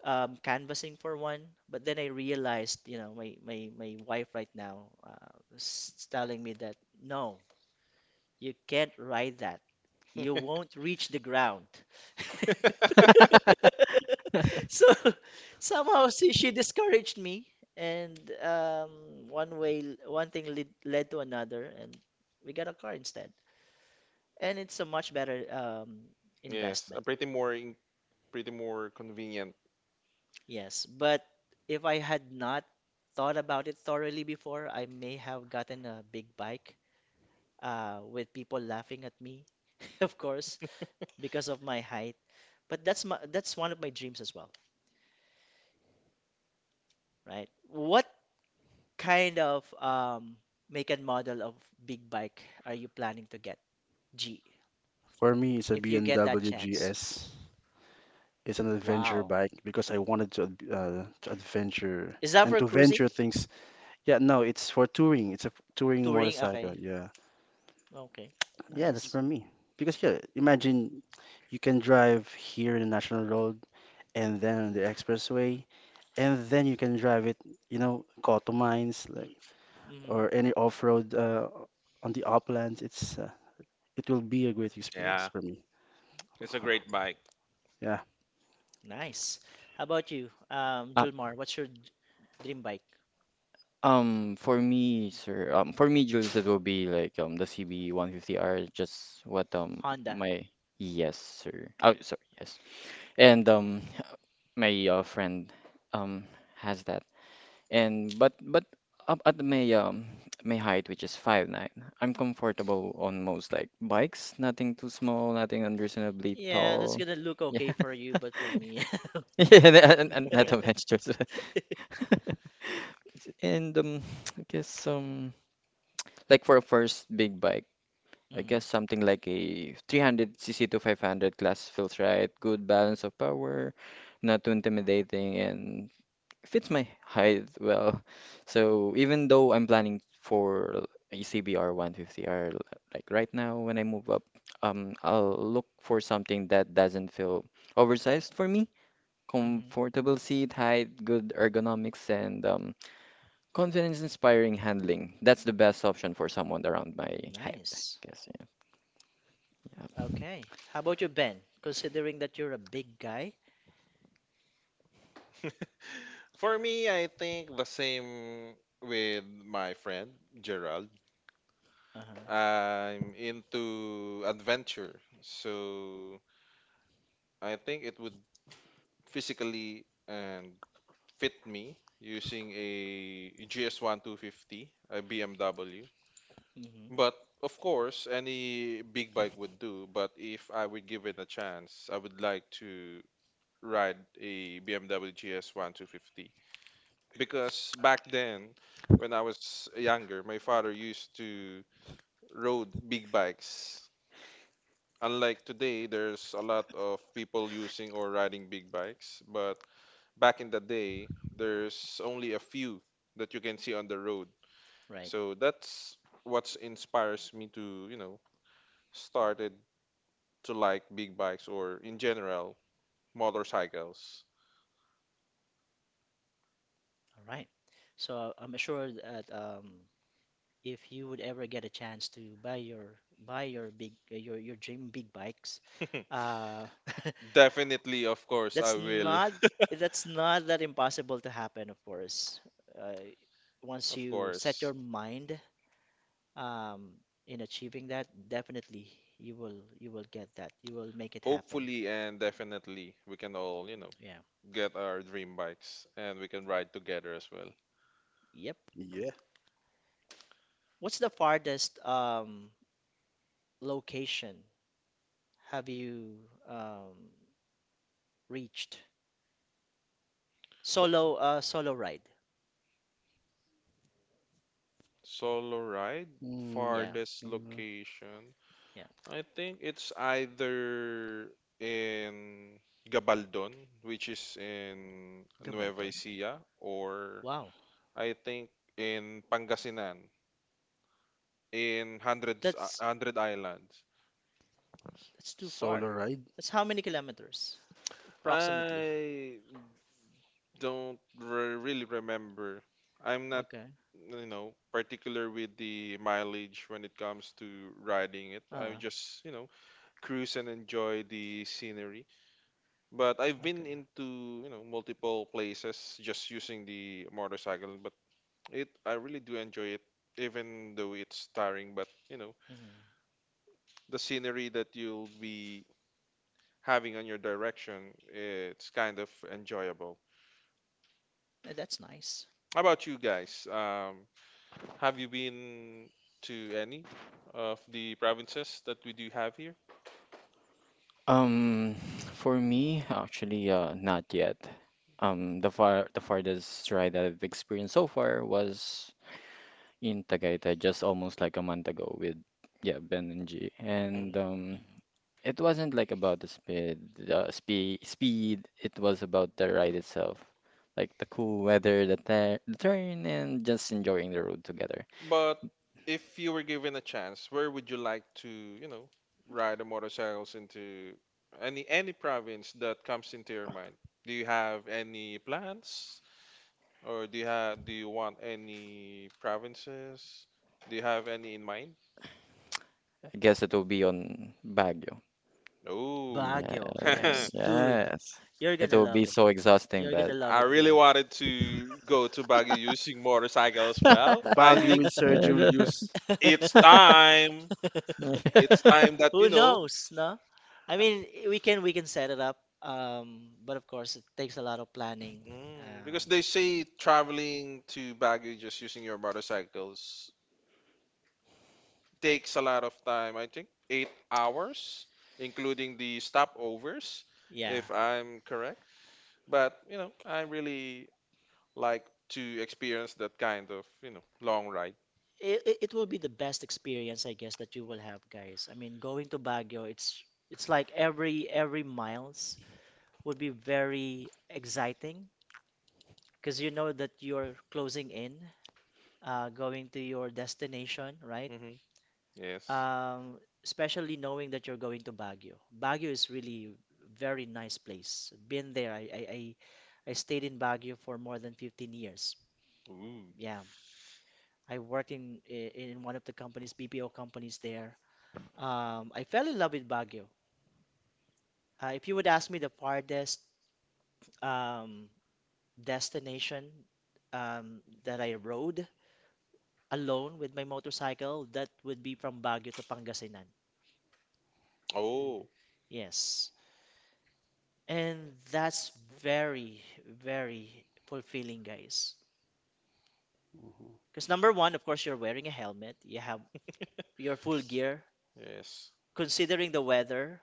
um, canvassing for one, but then I realized my wife right now is telling me that no, you can't ride that. You won't reach the ground. <laughs> So <laughs> somehow she discouraged me, and one way, one thing led to another, and we got a car instead. And it's a much better
Yes, a
investment.
pretty more convenient.
Yes, but if I had not thought about it thoroughly before, I may have gotten a big bike, with people laughing at me, <laughs> of course, because of my height. But that's one of my dreams as well, right? What kind of make and model of big bike are you planning to get, G,
for me, it's a
if you get that
BMW
chance?
GS. It's an adventure
Wow.
bike because I wanted to adventure
Is that
and
for
to
cruising?
venture things. Yeah, no, it's for touring. It's a touring
Touring?
motorcycle.
Okay.
Yeah,
Okay.
yeah, that's
Nice.
for me. Because yeah, imagine you can drive here in the national road and then on the expressway, and then you can drive it, you know, Koto Mines like
Mm-hmm.
or any off-road on the uplands. It will be a great experience
Yeah,
for me.
it's a
Huh.
great bike.
Yeah.
Nice. How about you,
Uh,
Julmar? What's your dream bike?
for me, Jules, it will be like the CB 150R, just what
Honda.
my, yes, sir. Oh, sorry, yes, and my friend um has that. And but up at my my height, which is 5'9", I'm comfortable on most, like, bikes. Nothing too small, nothing unreasonably
Yeah, that's
tall.
gonna look
Yeah,
okay for you, but for me,
<laughs> yeah, and not to mention <laughs> And <tsk> I guess, like, for a first big bike,
<laughs>
I
hmm,
guess something like a 300cc to 500 class feels right. Good balance of power, not too intimidating, and fits my height well. So even though I'm planning for a CBR 150R, like, right now, when I move up, I'll look for something that doesn't feel oversized for me.
hmm.
Comfortable seat height, good ergonomics, and confidence-inspiring handling. That's the best option for someone around my height, I
Nice.
guess. Yeah. Yeah.
Okay. How about you, Ben? Considering that you're a big guy.
<laughs> For me, I think the same with my friend Gerald.
Uh-huh.
I'm into adventure, so I think it would physically and fit me using a GS1 250, a BMW.
Hmm.
But of course, any big bike would do. But if I would give it a chance, I would like to ride a BMW GS1 250, because back then, when I was younger, my father used to rode big bikes. Unlike today, there's a lot of people using or riding big bikes, but back in the day, there's only a few that you can see on the road.
Right.
So that's what inspires me to, you know, started to like big bikes or in general motorcycles.
All right. So I'm sure that if you would ever get a chance to buy your big, your dream big bikes, uh, <laughs>
<laughs> Definitely, of course, I
that's
will.
not
<laughs>
that impossible to happen. Of course, uh, once
Of
you set
course.
your mind um, in achieving that, definitely you will get that, you will make it happen.
Hopefully and definitely we can all,
Yeah.
get our dream bikes and we can ride together as well.
Yep.
Yeah.
What's the farthest location have you um, reached, solo, solo ride?
Solo ride,
Yeah,
Mm,
farthest
solar
location.
yeah.
I think it's either in Gabaldon, which is in Nueva
Gabaldon.
Ecija, or
Wow,
I think in Pangasinan, in
that's
Hundred Islands.
That's too far.
solar ride.
That's how many kilometers? Approximately.
I don't really remember. I'm not,
Okay.
particular with the mileage when it comes to riding it. I
Uh,
just, cruise and enjoy the scenery. But I've been
okay.
into, multiple places just using the motorcycle, but it I really do enjoy it even though it's tiring, but
Hmm.
the scenery that you'll be having on your direction, it's kind of enjoyable.
That's nice.
How about you guys? Have you been to any of the provinces that we do have here?
Um, for me, actually, not yet. The farthest ride that I've experienced so far was in Tagaytay just almost like a month ago with, yeah, Ben and G, and
Mm-hmm.
Mhm.
it wasn't like about the speed. It was about the ride itself, like the cool weather, the turn, and just enjoying the road together.
But if you were given a chance, where would you like to, ride a motorcycles into any province that comes into your mind? Do you have any plans, or do you want any provinces? Do you have any in mind?
I guess it will be on Baguio.
Oh,
Yeah,
Baguio,
<laughs> I
yes. Dude,
yes,
you're
it
gonna
will be
love it.
so exhausting,
You're gonna
but
love it
really
there.
wanted to go to Baguio using motorcycle as well. I
Baguio
think
with
<laughs>
Sir Julius.
it's
<laughs>
<laughs>
time. It's time that you
Who
know.
knows, no? I mean, we can set it up, but of course it takes a lot of planning. Um,
Because they say traveling to Baguio just using your motorcycles takes a lot of time. I think 8 hours, including the stopovers,
yeah.
if I'm correct. But I really like to experience that kind of long ride.
It will be the best experience, I guess, that you will have, guys. I mean, going to Baguio, it's like every miles would be very exciting, because you know that you're closing in going to your destination, right?
Hmm. Yes.
Um especially knowing that you're going to Baguio. Baguio is really very nice place. Been there. I stayed in Baguio for more than 15 years.
Ooh.
Yeah. I worked in in one of the companies, BPO companies there. I fell in love with Baguio. If you would ask me the farthest um, destination that I rode alone with my motorcycle, that would be from Baguio to Pangasinan.
Oh,
Yes. And that's very, very fulfilling, guys. Because, number one, of course, you're wearing a helmet, you have your full gear.
yes.
Considering the weather,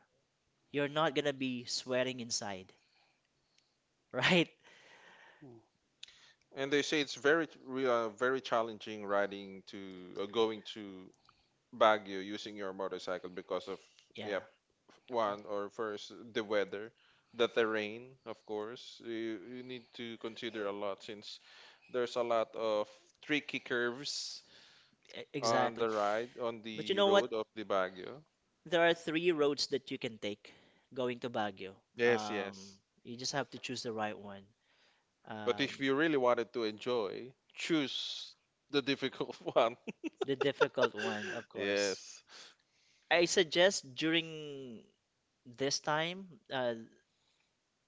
you're not gonna be sweating inside, <laughs> right?
And they say it's very, very challenging riding to going to Baguio using your motorcycle because of, yeah,
Yeah,
one or first, the weather, the terrain. Of course you need to consider a lot since there's a lot of tricky curves
exactly.
on
But you
the
know what?
road of the Baguio.
There are three roads that you can take going to Baguio.
Yes, yes.
You just have to choose the right one.
But if
Um,
you really wanted to enjoy, choose the difficult <laughs> one.
the difficult one, of course.
Yes,
I suggest, during this time, uh,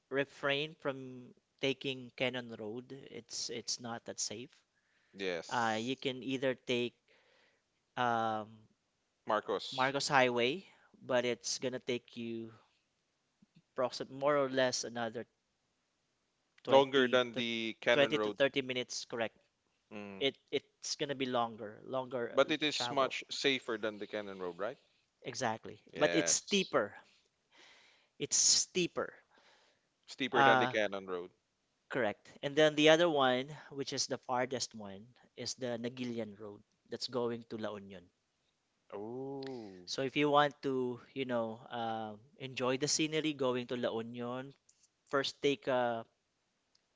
refrain from taking Cannon Road. It's not that safe. You
yes.
can either take um,
Marcos
Marcos Highway, but it's gonna take you approximately more or less another
longer
20
than
to
the Cannon
20 to
Road.
30 minutes, correct?
Mm.
It's gonna be longer, longer
But it is
travel.
much safer than the Cannon Road, right?
Exactly. But it's
Yes.
steeper. It's steeper.
Steeper than the
Uh,
Cannon Road.
correct. And then the other one, which is the farthest one, is the Nagilian Road that's going to La Union.
Oh,
So if you want to, enjoy the scenery going to La Union, first take a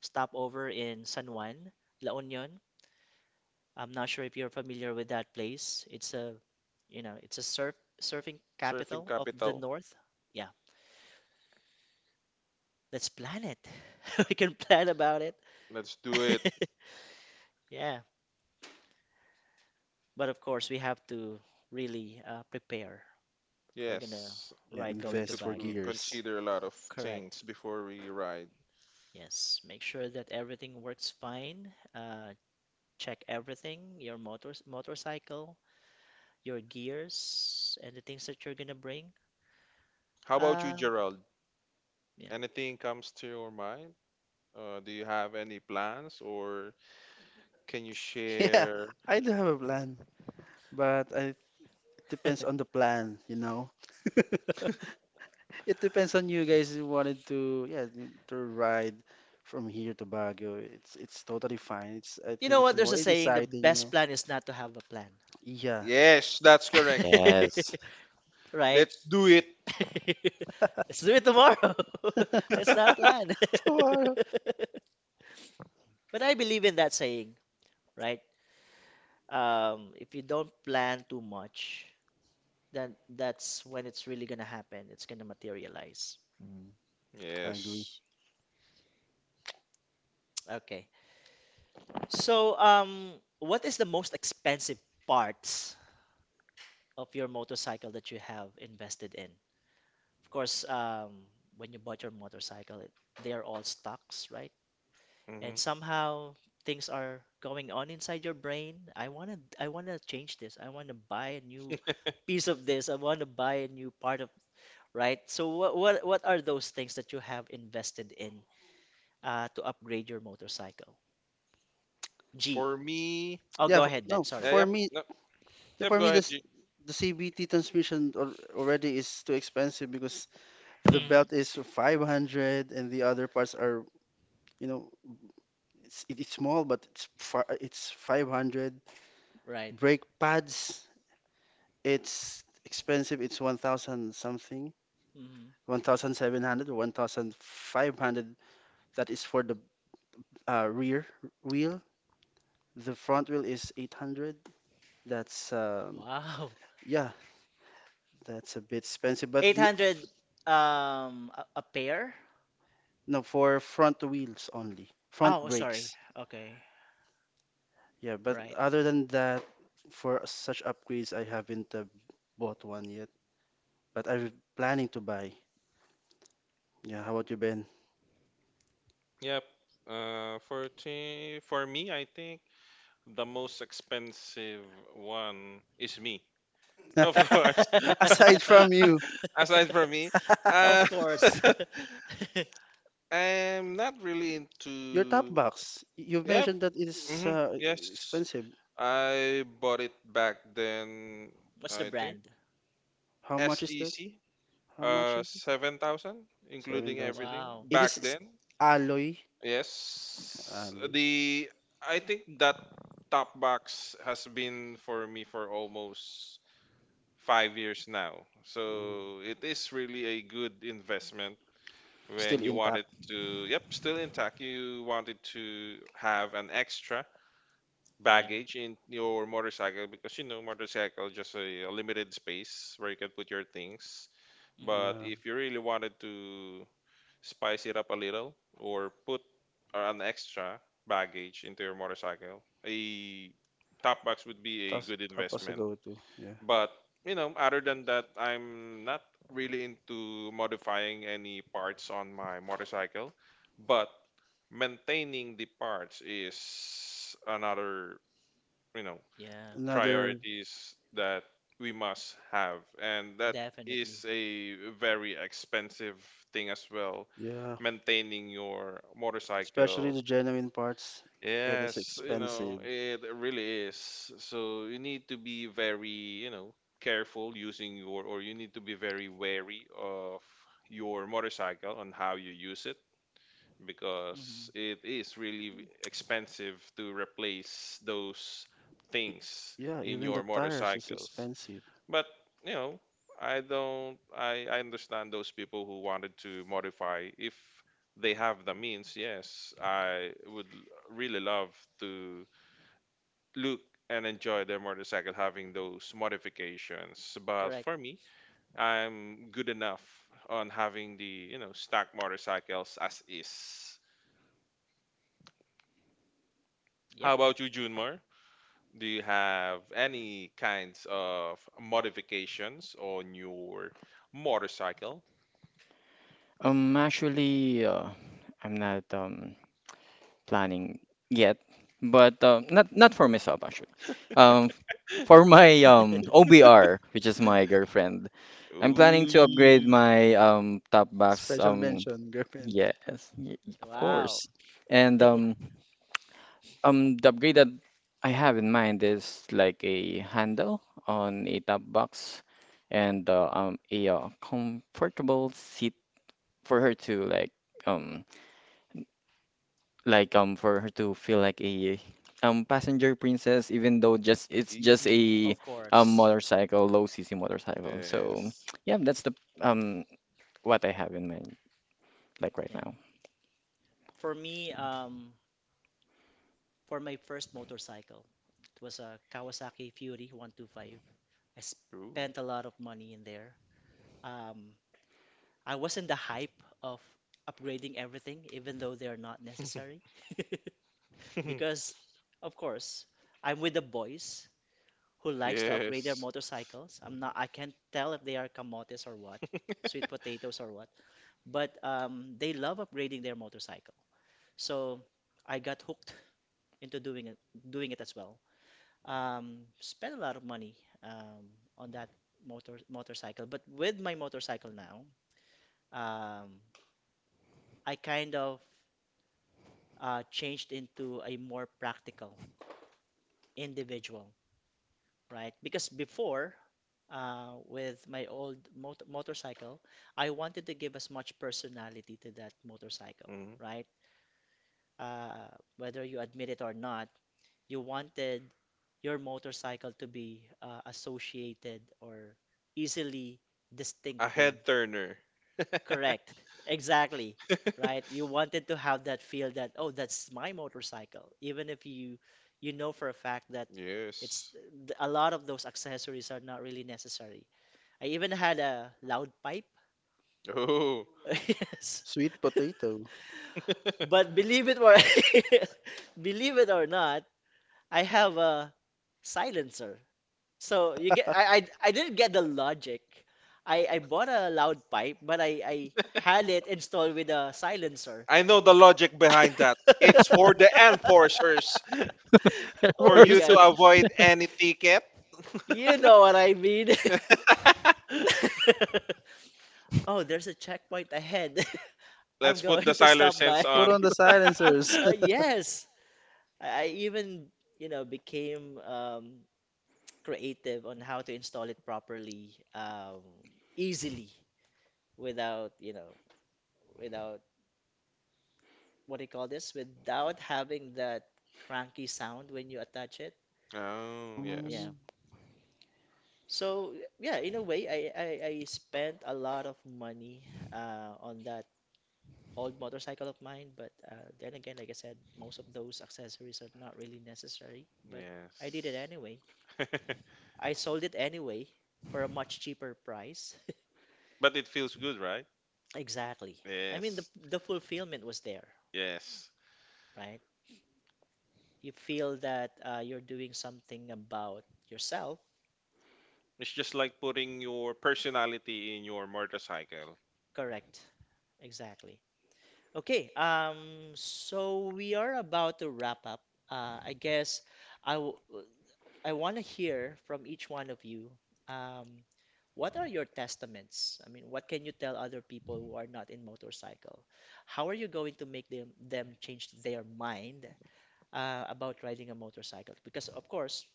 stopover in San Juan, La Union. I'm not sure if you're familiar with that place. It's a, you know, it's a surfing
surfing
capital of the
capital.
north. Yeah. Let's plan it. <laughs> We can plan about it.
Let's do it.
<laughs> Yeah, but of course we have to really prepare. We're gonna
Yes,
Yeah,
ride
we
going
need
to
to
invest for
Baguio.
gears.
consider a lot of
Correct.
things before we ride.
Yes. Make sure that everything works fine. Uh, check everything, your motorcycle, your gears, and the things that you're gonna bring.
How about you,
Um,
Gerald?
yeah.
Anything comes to your mind? Do you have any plans, or can you
<laughs> Yeah,
share?
I do have a plan, but it depends
<laughs>
on the plan. <laughs> It depends on you guys who wanted to, yeah, to ride from here to Baguio. It's totally fine. It's I
You know
think it's
what? There's
more
a
it's
saying: the
exciting, you
best
know.
plan is not to have a plan.
Yeah.
Yes, that's correct.
yes.
<laughs> Right?
Let's do it.
<laughs> Let's do it tomorrow. <laughs> Let's
<laughs>
not plan. <laughs>
Tomorrow.
But I believe in that saying, right? If you don't plan too much, then that's when it's really gonna happen. It's gonna materialize.
I agree.
Yes.
<tsk> Okay. So, what is the most expensive parts of your motorcycle that you have invested in? Of course, when you bought your motorcycle, they are all stocks, right?
Hmm.
And somehow things are going on inside your brain. I wanna change this. I wanna buy a new piece of this. I wanna buy a new part of. Right. So what are those things that you have invested in to upgrade your motorcycle? G.
For me,
Oh,
Yeah,
go ahead, Ben.
no,
Sorry.
for
yep,
me,
yep,
yeah,
yep,
for
go
me,
ahead.
this
G.
the CVT transmission already is too expensive because the
Mhm.
belt is 500 and the other parts are, you know, it is small, but it's far, it's 500.
Right.
Brake pads, it's expensive. It's 1,000 something,
Mhm.
1,700 or 1,500. That is for the rear wheel. The front wheel is 800. That's,
Wow.
yeah, that's a bit expensive, but the,
800, a pair?
no, for front wheels only, front
Oh, sorry.
brakes.
Okay.
Yeah, but
Right.
other than that, for such upgrades, I haven't bought one yet. But I'm planning to buy. Yeah, how about you, Ben?
Yep. For me, I think. The most expensive one is me, <laughs> of course.
<laughs> Aside
<laughs>
<laughs>
from you,
Aside from me, uh,
Of
<laughs>
course.
<laughs>
<laughs>
I'm not really
your top
into.
box, you
Yep.
mentioned that it is
Hmm. Yes,
expensive.
I bought it back then.
What's the
I think
brand?
How much is that?
SEC,
How much is it?
7,000, including
7,000.
everything
Wow.
It
back
is
then.
alloy.
Yes,
Alloy.
the I think that top box has been for me for almost 5 years now.
Mm.
So it is really a good investment when
Still
you wanted
intact.
to, yep, still intact. You wanted to have an extra
Yeah.
baggage in your motorcycle because motorcycle just a limited space where you can put your things.
Hmm.
But
Yeah.
if you really wanted to spice it up a little or put an extra baggage into your motorcycle, a top box would be a
Tapas,
good
tapas a
investment.
go-to. Yeah.
But other than that, I'm not really into modifying any parts on my motorcycle. But maintaining the parts is another, you know,
Yeah.
Another,
priorities that we must have, and that
Definitely.
is a very expensive thing as well.
yeah,
Maintaining your
especially
motorcycle.
the genuine parts, it is
Yes,
Yeah.
expensive.
it really is. So you need to be very, careful using your, or you need to be very wary of your motorcycle on how you use it
Hmm.
because it is really expensive to replace those things
Yeah,
in
even
your
the tires is
motorcycles.
expensive.
But you know, I don't. I understand those people who wanted to modify if they have the means. Yes, I would really love to look and enjoy their motorcycle having those modifications. But
Correct.
for me, I'm good enough on having the stock motorcycles as is.
Yep.
How about you, Junmar? Do you have any kinds of modifications on your motorcycle?
Actually, I'm not planning yet, but not for myself, actually. Um, for my OBR, which is my girlfriend, I'm planning to upgrade
Ooh,
my top box.
Special mention, <laughs> girlfriend.
Yes, y- of
Wow.
course. And the upgrade that I have in mind is like a handle on a top box, and a comfortable seat for her um to feel like a passenger princess, even though just it's just
ee,
a
Of course.
motorcycle, low cc motorcycle, so
yes.
<tsk> yeah, that's the um what I have in mind, like, right
Yeah.
now.
For me, for my first motorcycle, it was a Kawasaki Fury 125. I
Ooh.
spent a lot of money in there. Um, I was in the hype of upgrading everything, even though they're not
<laughs>
necessary. <laughs> Because, of course, I'm with the boys who likes to upgrade their
Yes.
motorcycles. I can't tell if they are camotes or what, sweet potatoes or what, but they love upgrading their motorcycle. So I got hooked into doing it as well. Spent a lot of money um, on that motorcycle, but with my motorcycle now, um, I kind of changed into a more practical individual, right? Because before, with my old motorcycle, I wanted to give as much personality to that motorcycle,
Hmm.
right? Uh, whether you admit it or not, you wanted your motorcycle to be associated or easily
A
distinctive.
head turner. <laughs>
Correct. Exactly. Right? You wanted to have that feel that, oh, that's my motorcycle. Even if you know for a fact that it's
Yes.
a lot of those accessories are not really necessary. I even had a loud pipe.
Oh,
<laughs> Yes.
Sweet potato.
But believe it or <laughs> believe it or not, I have a silencer. So you get I didn't get the logic. I bought a loud pipe, but I had it installed with a silencer.
I know the logic
<laughs>
behind that. It's for the enforcers,
<laughs>
<laughs>
Oh
for
my
you
Worse.
to
god.
avoid any ticket.
You know what I mean.
<laughs>
<laughs> Oh, there's a checkpoint ahead. <laughs> I'm
Let's put the
going to
siler
stop
sense
by. <laughs>
Put
on.
on the silencers.
Uh,
<laughs>
yes. I even, became creative on how to install it properly, easily, without, you know, without, what do you call this? Without having that cranky sound when you attach it.
Oh, yes.
Yeah.
Mm,
So yeah, in a way, I spent a lot of money on that old motorcycle of mine. But then again, like I said, most of those accessories are not really necessary. But I did it
Yes.
anyway.
<laughs>
I sold it anyway for a much cheaper price. <laughs>
But it feels good, right?
Exactly. I mean, the
Yes.
fulfillment was there,
Yes.
right? You feel that you're doing something about yourself.
It's just like putting your personality in your motorcycle.
Correct. Exactly. Okay, so we are about to wrap up. I guess I w I want to hear from each one of you. Um, what are your testaments? I mean, what can you tell other people who are not in motorcycle? How are you going to make them change their mind about riding a motorcycle? Because of course,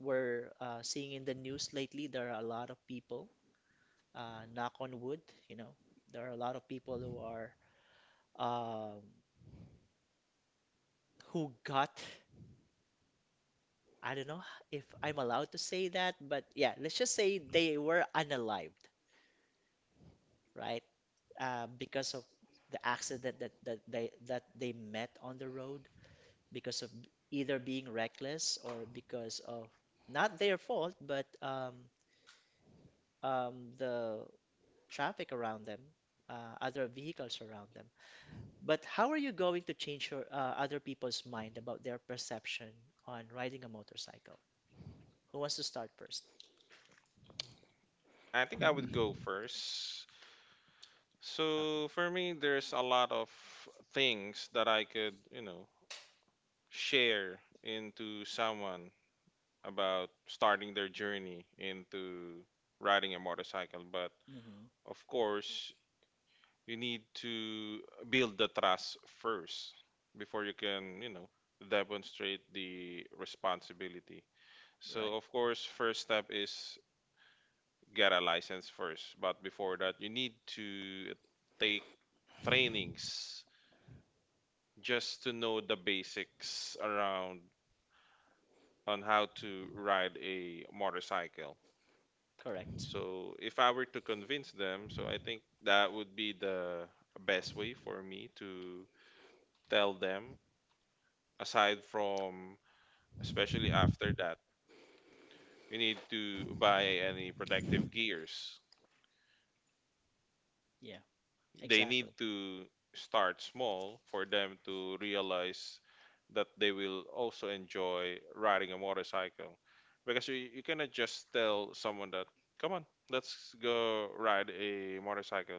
we're seeing in the news lately there are a lot of people, knock on wood, you know, there are a lot of people who are. Um, who got, I don't know if I'm allowed to say that, but yeah, let's just say they were unalived, right? Because of the accident that, that they met on the road because of either being reckless or because of not their fault, but the traffic around them, other vehicles around them. But how are you going to change your other people's mind about their perception on riding a motorcycle? Who wants to start first?
I think I would go first.
Okay.
So for me, there's a lot of things that I could, share into someone about starting their journey into riding a motorcycle. But
Hmm.
of course, you need to build the trust first before you can, demonstrate the responsibility. So
Right.
of course, first step is get a license first. But before that, you need to take trainings just to know the basics around on how to ride a motorcycle.
Correct.
So if I were to convince them, so I think that would be the best way for me to tell them. Aside from, especially after that, you need to buy any protective gears.
Yeah.
They need
Exactly.
to start small for them to realize that they will also enjoy riding a motorcycle because you cannot just tell someone that come on let's go ride a motorcycle.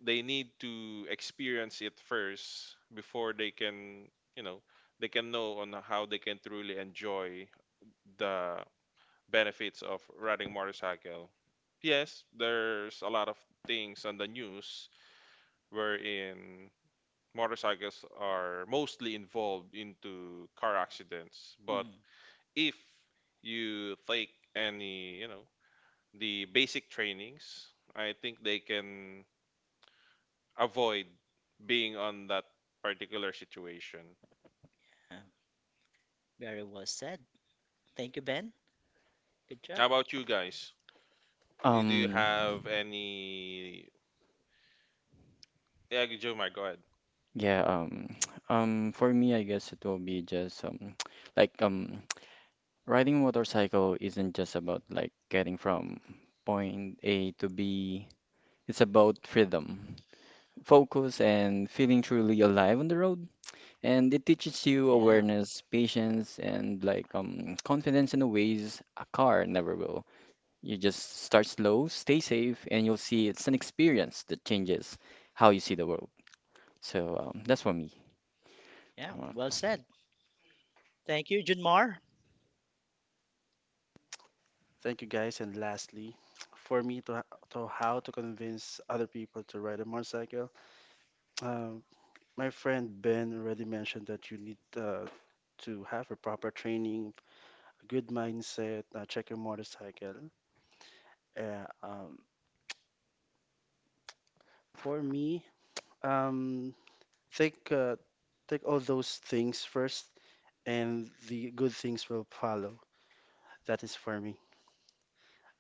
They need to experience it first before you know they can know on how they can truly enjoy the benefits of riding motorcycle. Yes, there's a lot of things on the news wherein motorcycles are mostly involved into car accidents. But
Hmm.
if you take any, the basic trainings, I think they can avoid being on that particular situation.
Yeah. Very well said. Thank you, Ben. Good
How
job.
about you guys? Eh, do you
um
have any, yeah, Joe, my, go ahead.
yeah, <tsk> for me, I guess it will be just <tsk> like <tsk> riding a motorcycle isn't just about, like, getting from point A to B. It's about freedom, focus, and feeling truly alive on the road, and it teaches you
Yeah.
awareness, patience, and, like, confidence in the ways a car never will. You just start slow, stay safe, and you'll see it's an experience that changes how you see the world. So that's for me.
Yeah. Well said. Thank you, Junmar.
Thank you guys. And lastly, for me to how to convince other people to ride a motorcycle, um, my friend Ben already mentioned that you need to have a proper training, a good mindset, check your motorcycle. Uh, um, for me, um, take uh, take all those things first, and the good things will follow. That is for me.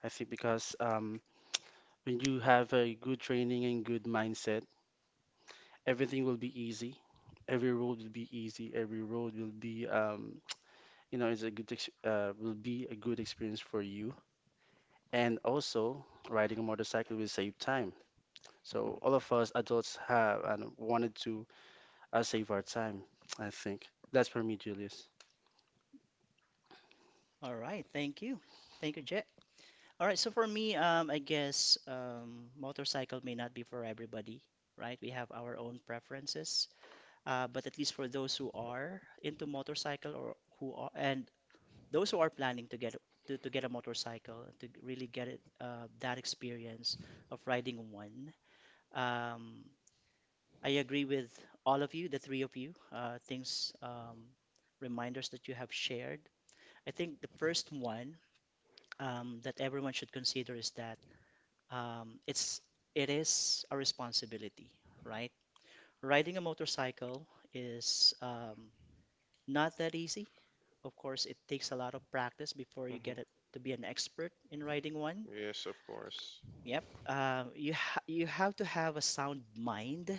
I think because when you have a good training and good mindset, everything will be easy. Every road will be easy. Every road will be, it's a good ex will be a good experience for you. And also, riding a motorcycle will save time. So all of us adults have and wanted to save our time, I think. That's for me, Julius.
All right. Thank you. Thank you, Jet. All right. So for me, I guess motorcycle may not be for everybody, right? We have our own preferences. But at least for those who are into motorcycle or who are and those who are planning to get to get a motorcycle to really get it, that experience of riding one, um, I agree with all of you, the three of you, things, reminders that you have shared, I think the first one, that everyone should consider is that, um, it's it is a responsibility, right? Riding a motorcycle is, not that easy. Of course, it takes a lot of practice before you
Hmm.
get it to be an expert in writing one.
Yes, of course.
Yep. You have to have a sound mind.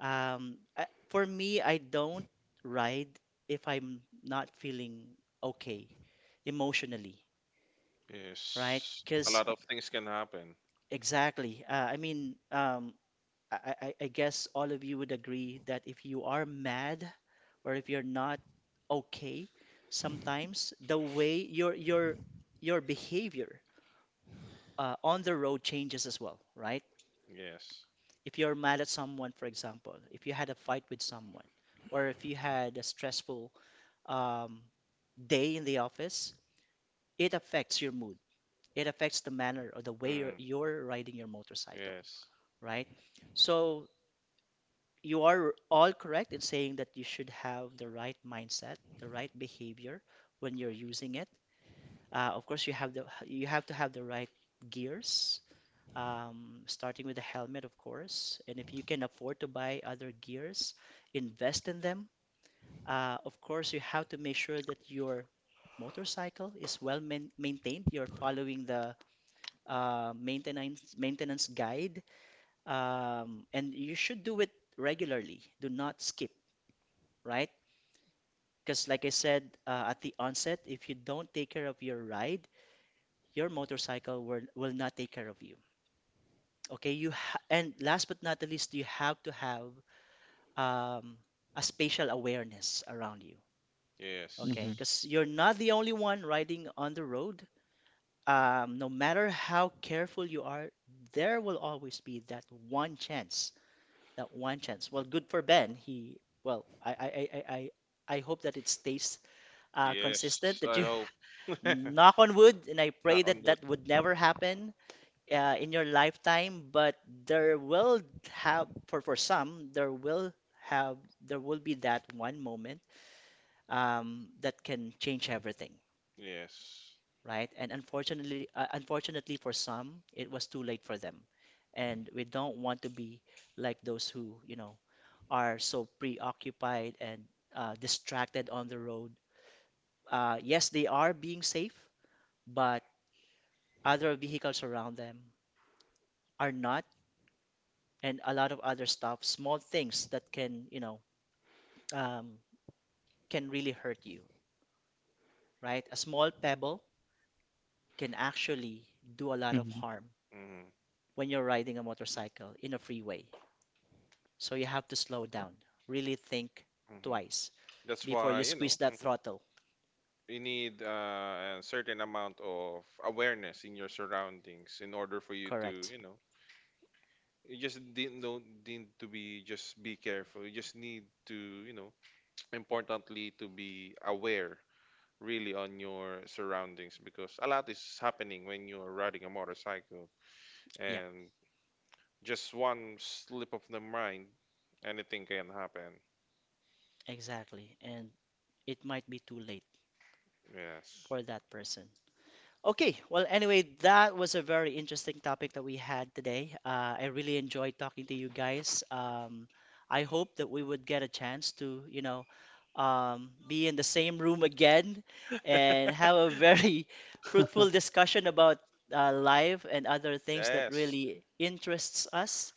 For me, I don't write if I'm not feeling okay emotionally, right?
Yes, a lot
Because
of things can happen.
exactly. I guess all of you would agree that if you are mad or if you're not okay, sometimes the way your behavior on the road changes as well, right?
Yes.
If you're mad at someone, for example, if you had a fight with someone, or if you had a stressful um, day in the office, it affects your mood. It affects the manner or the way
Mm-hmm.
you're riding your motorcycle,
Yes.
right? So you are all correct in saying that you should have the right mindset, the right behavior when you're using it. Of course, you have the you have to have the right gears, starting with the helmet, of course. And if you can afford to buy other gears, invest in them. Of course, you have to make sure that your motorcycle is well maintained. You're following the maintenance guide, and you should do it regularly. Do not skip, right? Because, like I said, at the onset, if you don't take care of your ride, your motorcycle will not take care of you. Okay, and last but not the least, you have to have um, a spatial awareness around you. Okay,
Yes.
because you're not the only one riding on the road. No matter how careful you are, there will always be that one chance. That one chance. Well, good for Ben. He, well, I hope that it stays
Yes.
consistent
I
that you
hope. <laughs>
knock on wood, and I
Knock
pray
on
that
wood.
that would never happen in your lifetime. But there will have, for some, have, there will be that one moment, that can change everything,
Yes.
right? And unfortunately, unfortunately for some, it was too late for them, and we don't want to be like those who, you know, are so preoccupied and distracted on the road. Yes, they are being safe, but other vehicles around them are not, and a lot of other stuff, small things that can, you know, um, can really hurt you, right? A small pebble can actually do a lot of
Mm-hmm.
harm
Mm-hmm.
when you're riding a motorcycle in a freeway. So you have to slow down, really think
Mm-hmm.
twice
That's why,
before you squeeze that
mhm,
throttle.
you need a certain amount of awareness in your surroundings in order for you to,
Correct.
you just didn't don't need to be just be careful. You just need to, <tsk> importantly to be aware really on your surroundings because a lot is happening when you're riding a motorcycle,
Yep,
and just one slip of the mind, anything can happen.
exactly. And it might be too late
Yes,
for that person. Okay, well, anyway, that was a very interesting topic that we had today. I really enjoyed talking to you guys. I hope that we would get a chance to, you know, be in the same room again and have a very <laughs> fruitful discussion about life and other things that
yes,
really interests us.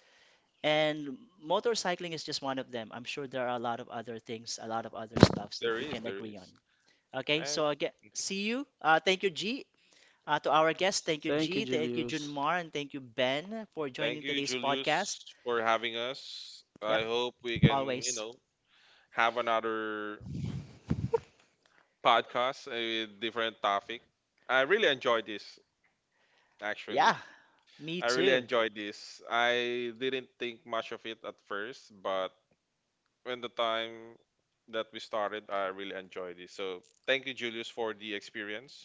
And motorcycling is just one of them. I'm sure there are a lot of other things, a lot of other stuffs
there
that we
is,
can
there
agree
is
on. Okay,
I
so again, see you. Thank you, G, to our guests, thank you,
Thank you,
G. Thank you,
Julius.
Junmar. And thank you, Ben, for
thank
joining
you,
today's
Julius,
podcast.
for having us. I
Yep,
hope we can,
always.
have another podcast with different topic. I really enjoyed this actually.
Yeah,
I
me
really
too.
enjoyed this. I didn't think much of it at first, but when the time that we started, I really enjoyed it. So thank you, Julius, for the experience.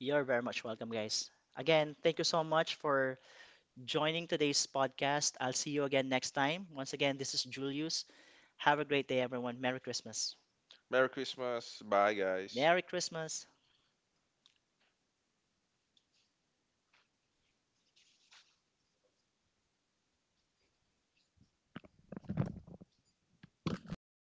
You're very much welcome, guys. Again, thank you so much for joining today's podcast. I'll see you again next time. Once again, this is Julius. Have a great day, everyone. Merry Christmas.
Merry Christmas. Bye, guys.
Merry Christmas.